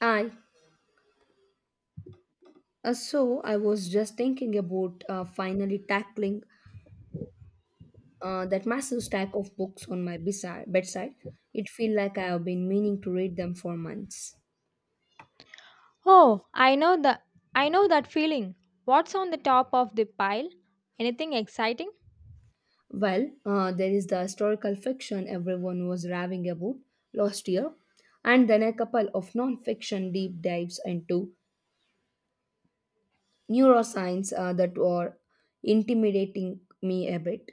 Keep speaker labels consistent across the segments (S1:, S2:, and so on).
S1: I So I was just thinking about finally tackling that massive stack of books on my bedside. It feels like I have been meaning to read them for months.
S2: Oh, I know the I know that feeling. What's on the top of the pile? Anything exciting?
S1: Well, there is the historical fiction everyone was raving about last year, and then a couple of non-fiction deep dives into neuroscience that were intimidating me a bit.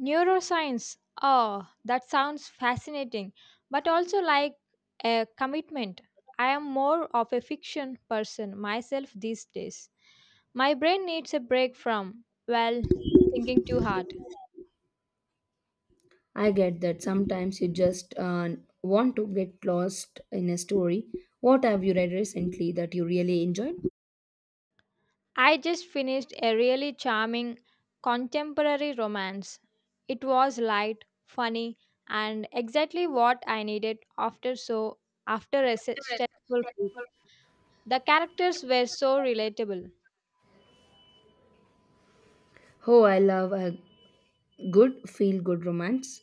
S2: Neuroscience. Oh, that sounds fascinating, but also like a commitment. I am more of a fiction person myself these days. My brain needs a break from, well, thinking too hard.
S1: I get that sometimes you just want to get lost in a story. What have you read recently that you really enjoyed?
S2: I just finished a really charming contemporary romance. It was light, funny, and exactly what I needed after a stressful week. The characters were so relatable.
S1: Oh, I love a good feel good romance.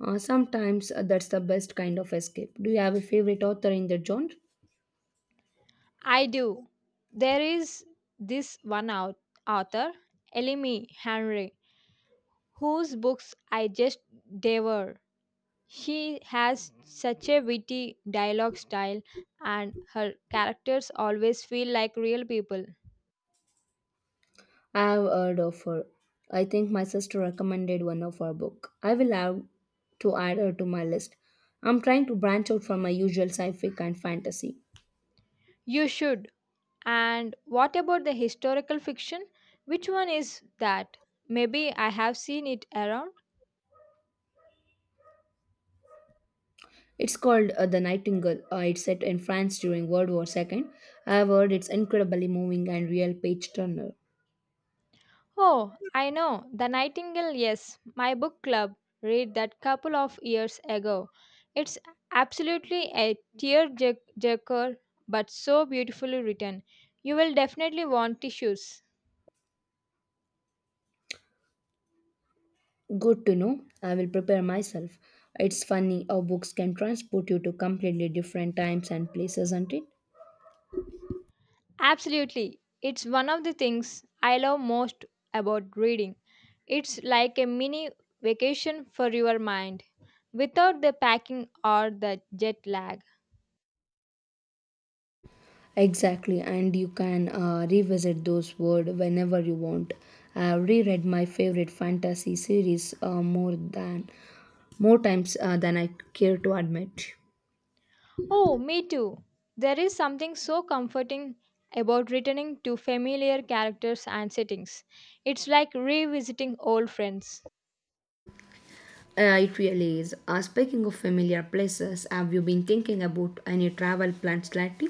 S1: Sometimes that's the best kind of escape. Do you have a favorite author in the genre?
S2: I do. There is this author, Elimi Henry, whose books I just devour. She has such a witty dialogue style, and her characters always feel like real people.
S1: I have heard of her. I think my sister recommended one of her book. I will have to add her to my list. I'm trying to branch out from my usual sci-fi and fantasy.
S2: You should. And what about the historical fiction? Which one is that? Maybe I have seen it around.
S1: It's called The Nightingale. It's set in France during World War II. I have heard it's incredibly moving and real page turner.
S2: Oh, I know. The Nightingale, yes. My book club read that couple of years ago. It's absolutely a tearjerker, but so beautifully written. You will definitely want tissues.
S1: Good to know. I will prepare myself. It's funny how books can transport you to completely different times and places, isn't it?
S2: Absolutely. It's one of the things I love most about reading. It's like a mini vacation for your mind, without the packing or the jet lag.
S1: Exactly, and you can revisit those words whenever you want. I have reread my favorite fantasy series more times than I care to admit.
S2: Oh, me too. There is something so comforting about returning to familiar characters and settings. It's like revisiting old friends.
S1: It really is. Speaking of familiar places, have you been thinking about any travel plans lately?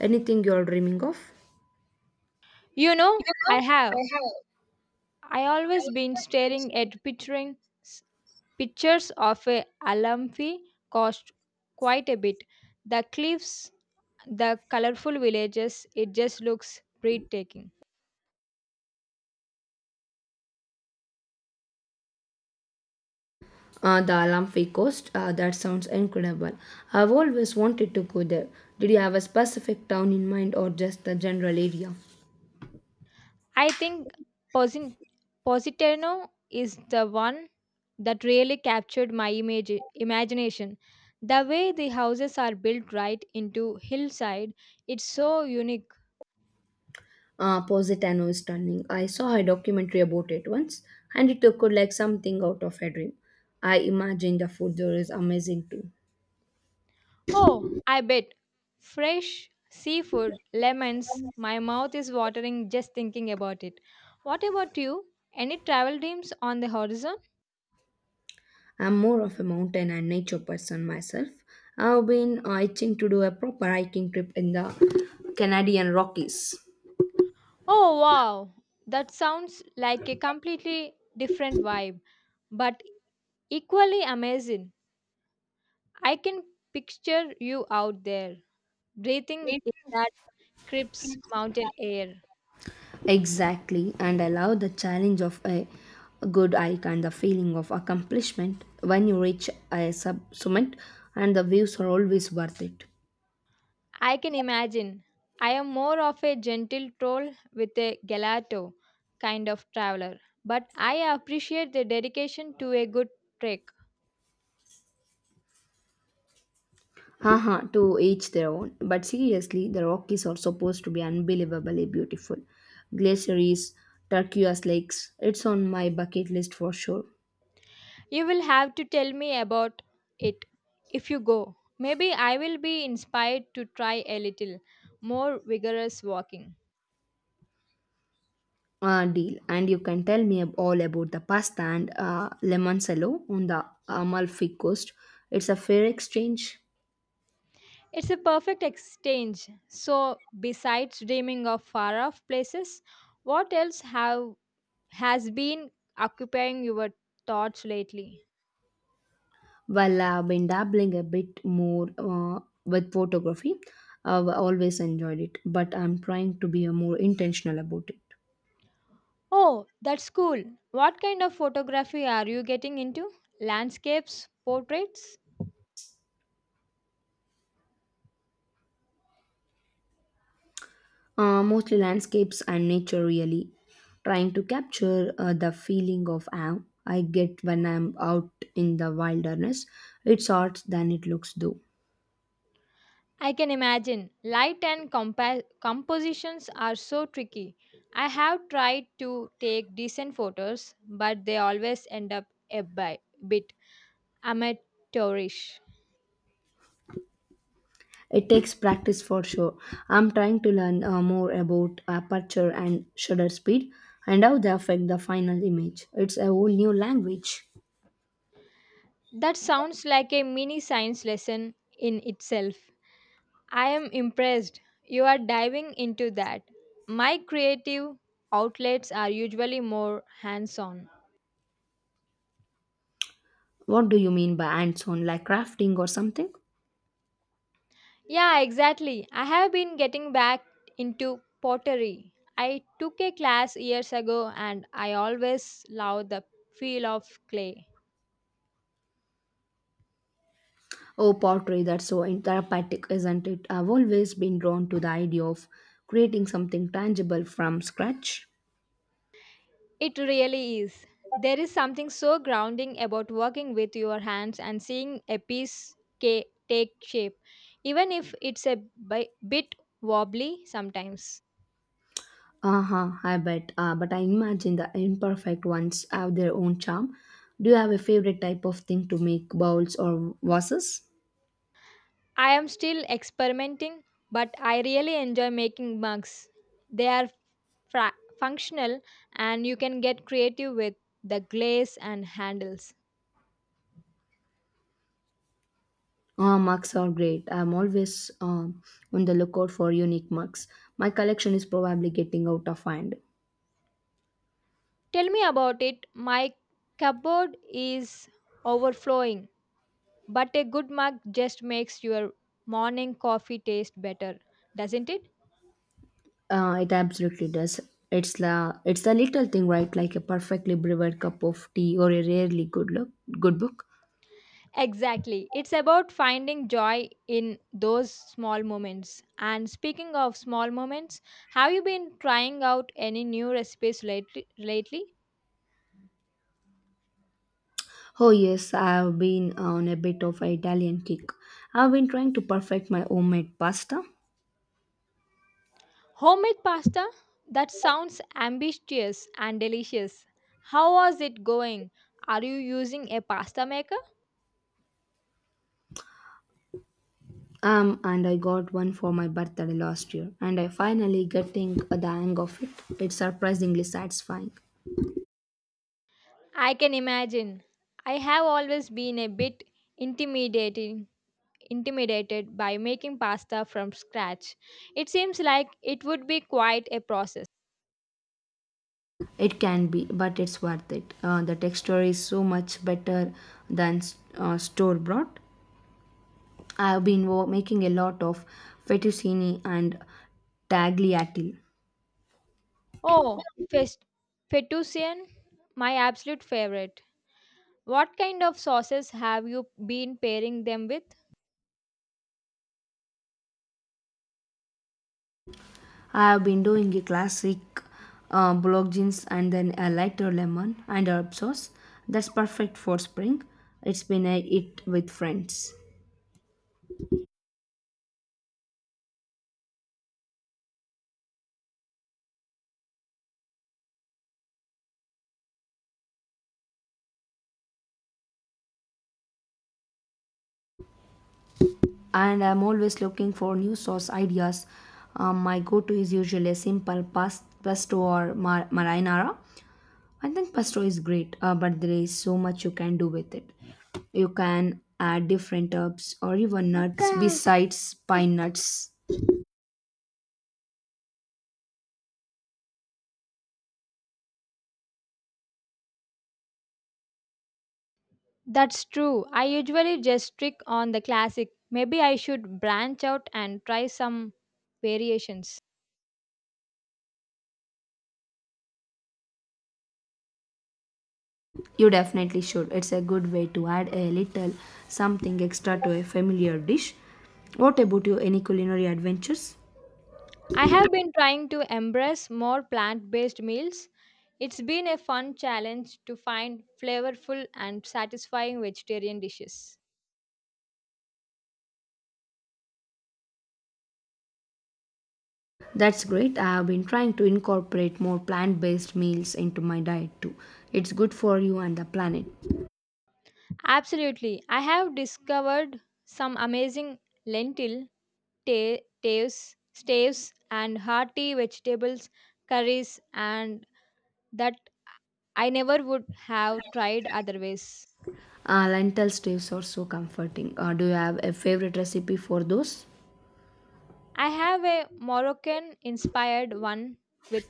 S1: Anything you're dreaming of?
S2: You know, I have. I always been staring at picturing s- pictures of a Alamfi cost quite a bit. The cliffs, the colorful villages, it just looks breathtaking.
S1: The Amalfi Coast. That sounds incredible. I've always wanted to go there. Did you have a specific town in mind or just the general area?
S2: I think Posin- Positano is the one that really captured my image imagination. The way the houses are built right into hillside, it's so unique.
S1: Positano is stunning. I saw a documentary about it once, and it looked like something out of a dream. I imagine the food there is amazing too.
S2: Oh, I bet. Fresh seafood, lemons. My mouth is watering just thinking about it. What about you? Any travel dreams on the horizon?
S1: I'm more of a mountain and nature person myself. I've been itching to do a proper hiking trip in the Canadian Rockies.
S2: Oh, wow. That sounds like a completely different vibe, but equally amazing. I can picture you out there, breathing in that crisp mountain air.
S1: Exactly, and I love the challenge of a good hike and the feeling of accomplishment when you reach a sub summit, and the views are always worth it.
S2: I can imagine. I am more of a gentle troll with a gelato kind of traveler, but I appreciate the dedication to a good trek.
S1: Haha, to each their own. But seriously, the Rockies are supposed to be unbelievably beautiful. Glaciers, turquoise lakes, it's on my bucket list for sure.
S2: You will have to tell me about it if you go. Maybe I will be inspired to try a little more vigorous walking.
S1: Deal. And you can tell me all about the pasta and Lemoncello on the Amalfi Coast. It's a fair exchange.
S2: It's a perfect exchange. So, besides dreaming of far off places, what else have has been occupying your thoughts lately?
S1: Well, I've been dabbling a bit more with photography. I've always enjoyed it, but I'm trying to be more intentional about it.
S2: Oh, that's cool. What kind of photography are you getting into? Landscapes, portraits?
S1: Mostly landscapes and nature, really. Trying to capture the feeling of awe I get when I'm out in the wilderness. It's art than it looks, though.
S2: I can imagine. Light and compositions are so tricky. I have tried to take decent photos, but they always end up a bit amateurish.
S1: It takes practice for sure. I'm trying to learn more about aperture and shutter speed and how they affect the final image. It's a whole new language.
S2: That sounds like a mini science lesson in itself. I am impressed you are diving into that. My creative outlets are usually more hands on.
S1: What do you mean by hands on, like crafting or something?
S2: Yeah, exactly. I have been getting back into pottery. I took a class years ago and I always love the feel of clay.
S1: Oh, pottery, that's so therapeutic, isn't it? I've always been drawn to the idea of creating something tangible from scratch.
S2: It really is. There is something so grounding about working with your hands and seeing a piece take shape, even if it's a bit wobbly sometimes.
S1: Uh huh, I bet. But I imagine the imperfect ones have their own charm. Do you have a favorite type of thing to make bowls or vases?
S2: I am still experimenting, but I really enjoy making mugs. They are functional and you can get creative with the glaze and handles.
S1: Ah, mugs are great. I'm always on the lookout for unique mugs. My collection is probably getting out of hand.
S2: Tell me about it. My cupboard is overflowing. But a good mug just makes your morning coffee taste better, doesn't it?
S1: It absolutely does. It's the little thing, right? Like a perfectly brewed cup of tea or a rarely good look good book.
S2: Exactly. It's about finding joy in those small moments. And speaking of small moments, have you been trying out any new recipes lately?
S1: Oh yes, I've been on a bit of an Italian kick. I've been trying to perfect my homemade pasta.
S2: Homemade pasta? That sounds ambitious and delicious. How was it going? Are you using a pasta maker?
S1: And I got one for my birthday last year, and I finally getting the hang of it. It's surprisingly satisfying.
S2: I can imagine. I have always been a bit intimidated. intimidated by making pasta from scratch. It seems like it would be quite a process.
S1: It can be, but it's worth it. The texture is so much better than store bought. I have been making a lot of fettuccine and tagliatelle.
S2: Oh, fettuccine, my absolute favorite. What kind of sauces have you been pairing them with?
S1: I have been doing a classic blowjins and then a lighter lemon and herb sauce. That's perfect for spring. It's been a hit with friends. And I'm always looking for new sauce ideas. My go to is usually a simple pesto or marinara. I think pesto is great, but there is so much you can do with it. You can add different herbs or even nuts besides pine nuts.
S2: That's true. I usually just stick on the classic. Maybe I should branch out and try some variations.
S1: You definitely should. It's a good way to add a little something extra to a familiar dish. What about you? Any culinary adventures?
S2: I have been trying to embrace more plant based meals. It's been a fun challenge to find flavorful and satisfying vegetarian dishes.
S1: That's great. I have been trying to incorporate more plant based meals into my diet too. It's good for you and the planet.
S2: Absolutely. I have discovered some amazing lentil ta- staves and hearty vegetables curries and that I never would have tried otherwise.
S1: Lentil stews are so comforting. Do you have a favorite recipe for those?
S2: I have a Moroccan inspired one with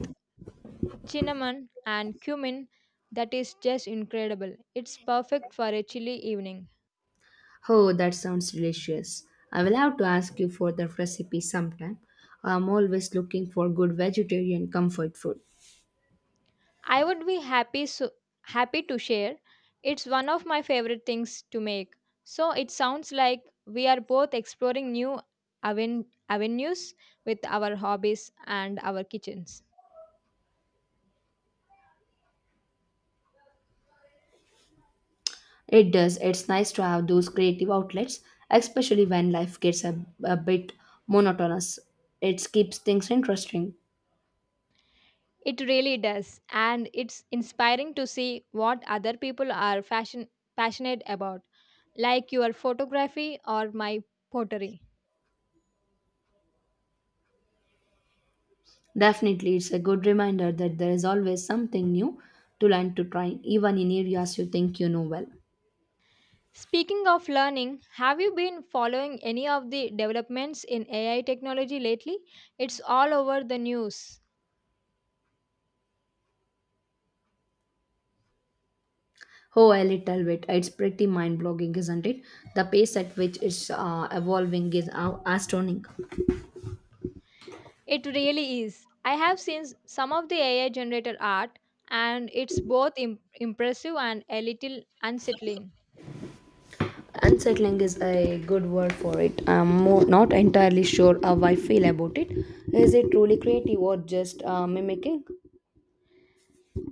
S2: cinnamon, and cumin that is just incredible. It's perfect for a chilly evening.
S1: Oh, that sounds delicious. I will have to ask you for the recipe sometime. I'm always looking for good vegetarian comfort food.
S2: I would be happy so happy to share. It's one of my favorite things to make. So it sounds like we are both exploring new avenues with our hobbies and our kitchens.
S1: It does. It's nice to have those creative outlets, especially when life gets a bit monotonous. It keeps things interesting.
S2: It really does, and it's inspiring to see what other people are fashion passionate about, like your photography or my pottery.
S1: Definitely, it's a good reminder that there is always something new to learn to try, even in areas you think you know well.
S2: Speaking of learning, have you been following any of the developments in AI technology lately? It's all over the news.
S1: Oh, a little bit. It's pretty mind-blogging, isn't it? The pace at which it's evolving is astounding.
S2: It really is. I have seen some of the AI generated art, and it's both impressive and a little unsettling.
S1: Unsettling is a good word for it. I'm more, not entirely sure how I feel about it. Is it truly creative or just mimicking?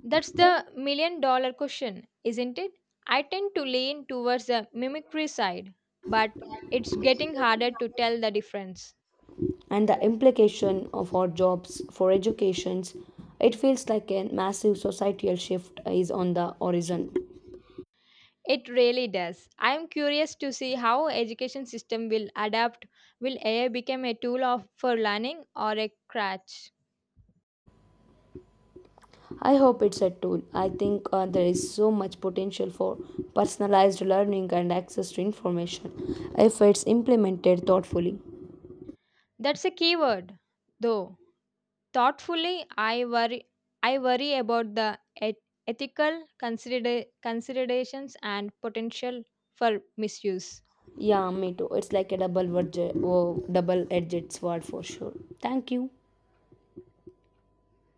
S2: That's the $1 million question, isn't it? I tend to lean towards the mimicry side, but it's getting harder to tell the difference.
S1: And the implication of our jobs for educations, it feels like a massive societal shift is on the horizon.
S2: It really does. I am curious to see how education system will adapt. Will AI become a tool of, for learning or a crutch?
S1: I hope it's a tool. I think there is so much potential for personalized learning and access to information if it's implemented thoughtfully.
S2: That's a key word, though. Thoughtfully, I worry about the ethical considerations and potential for misuse.
S1: Yeah, me too. It's like a double edged sword for sure. Thank you.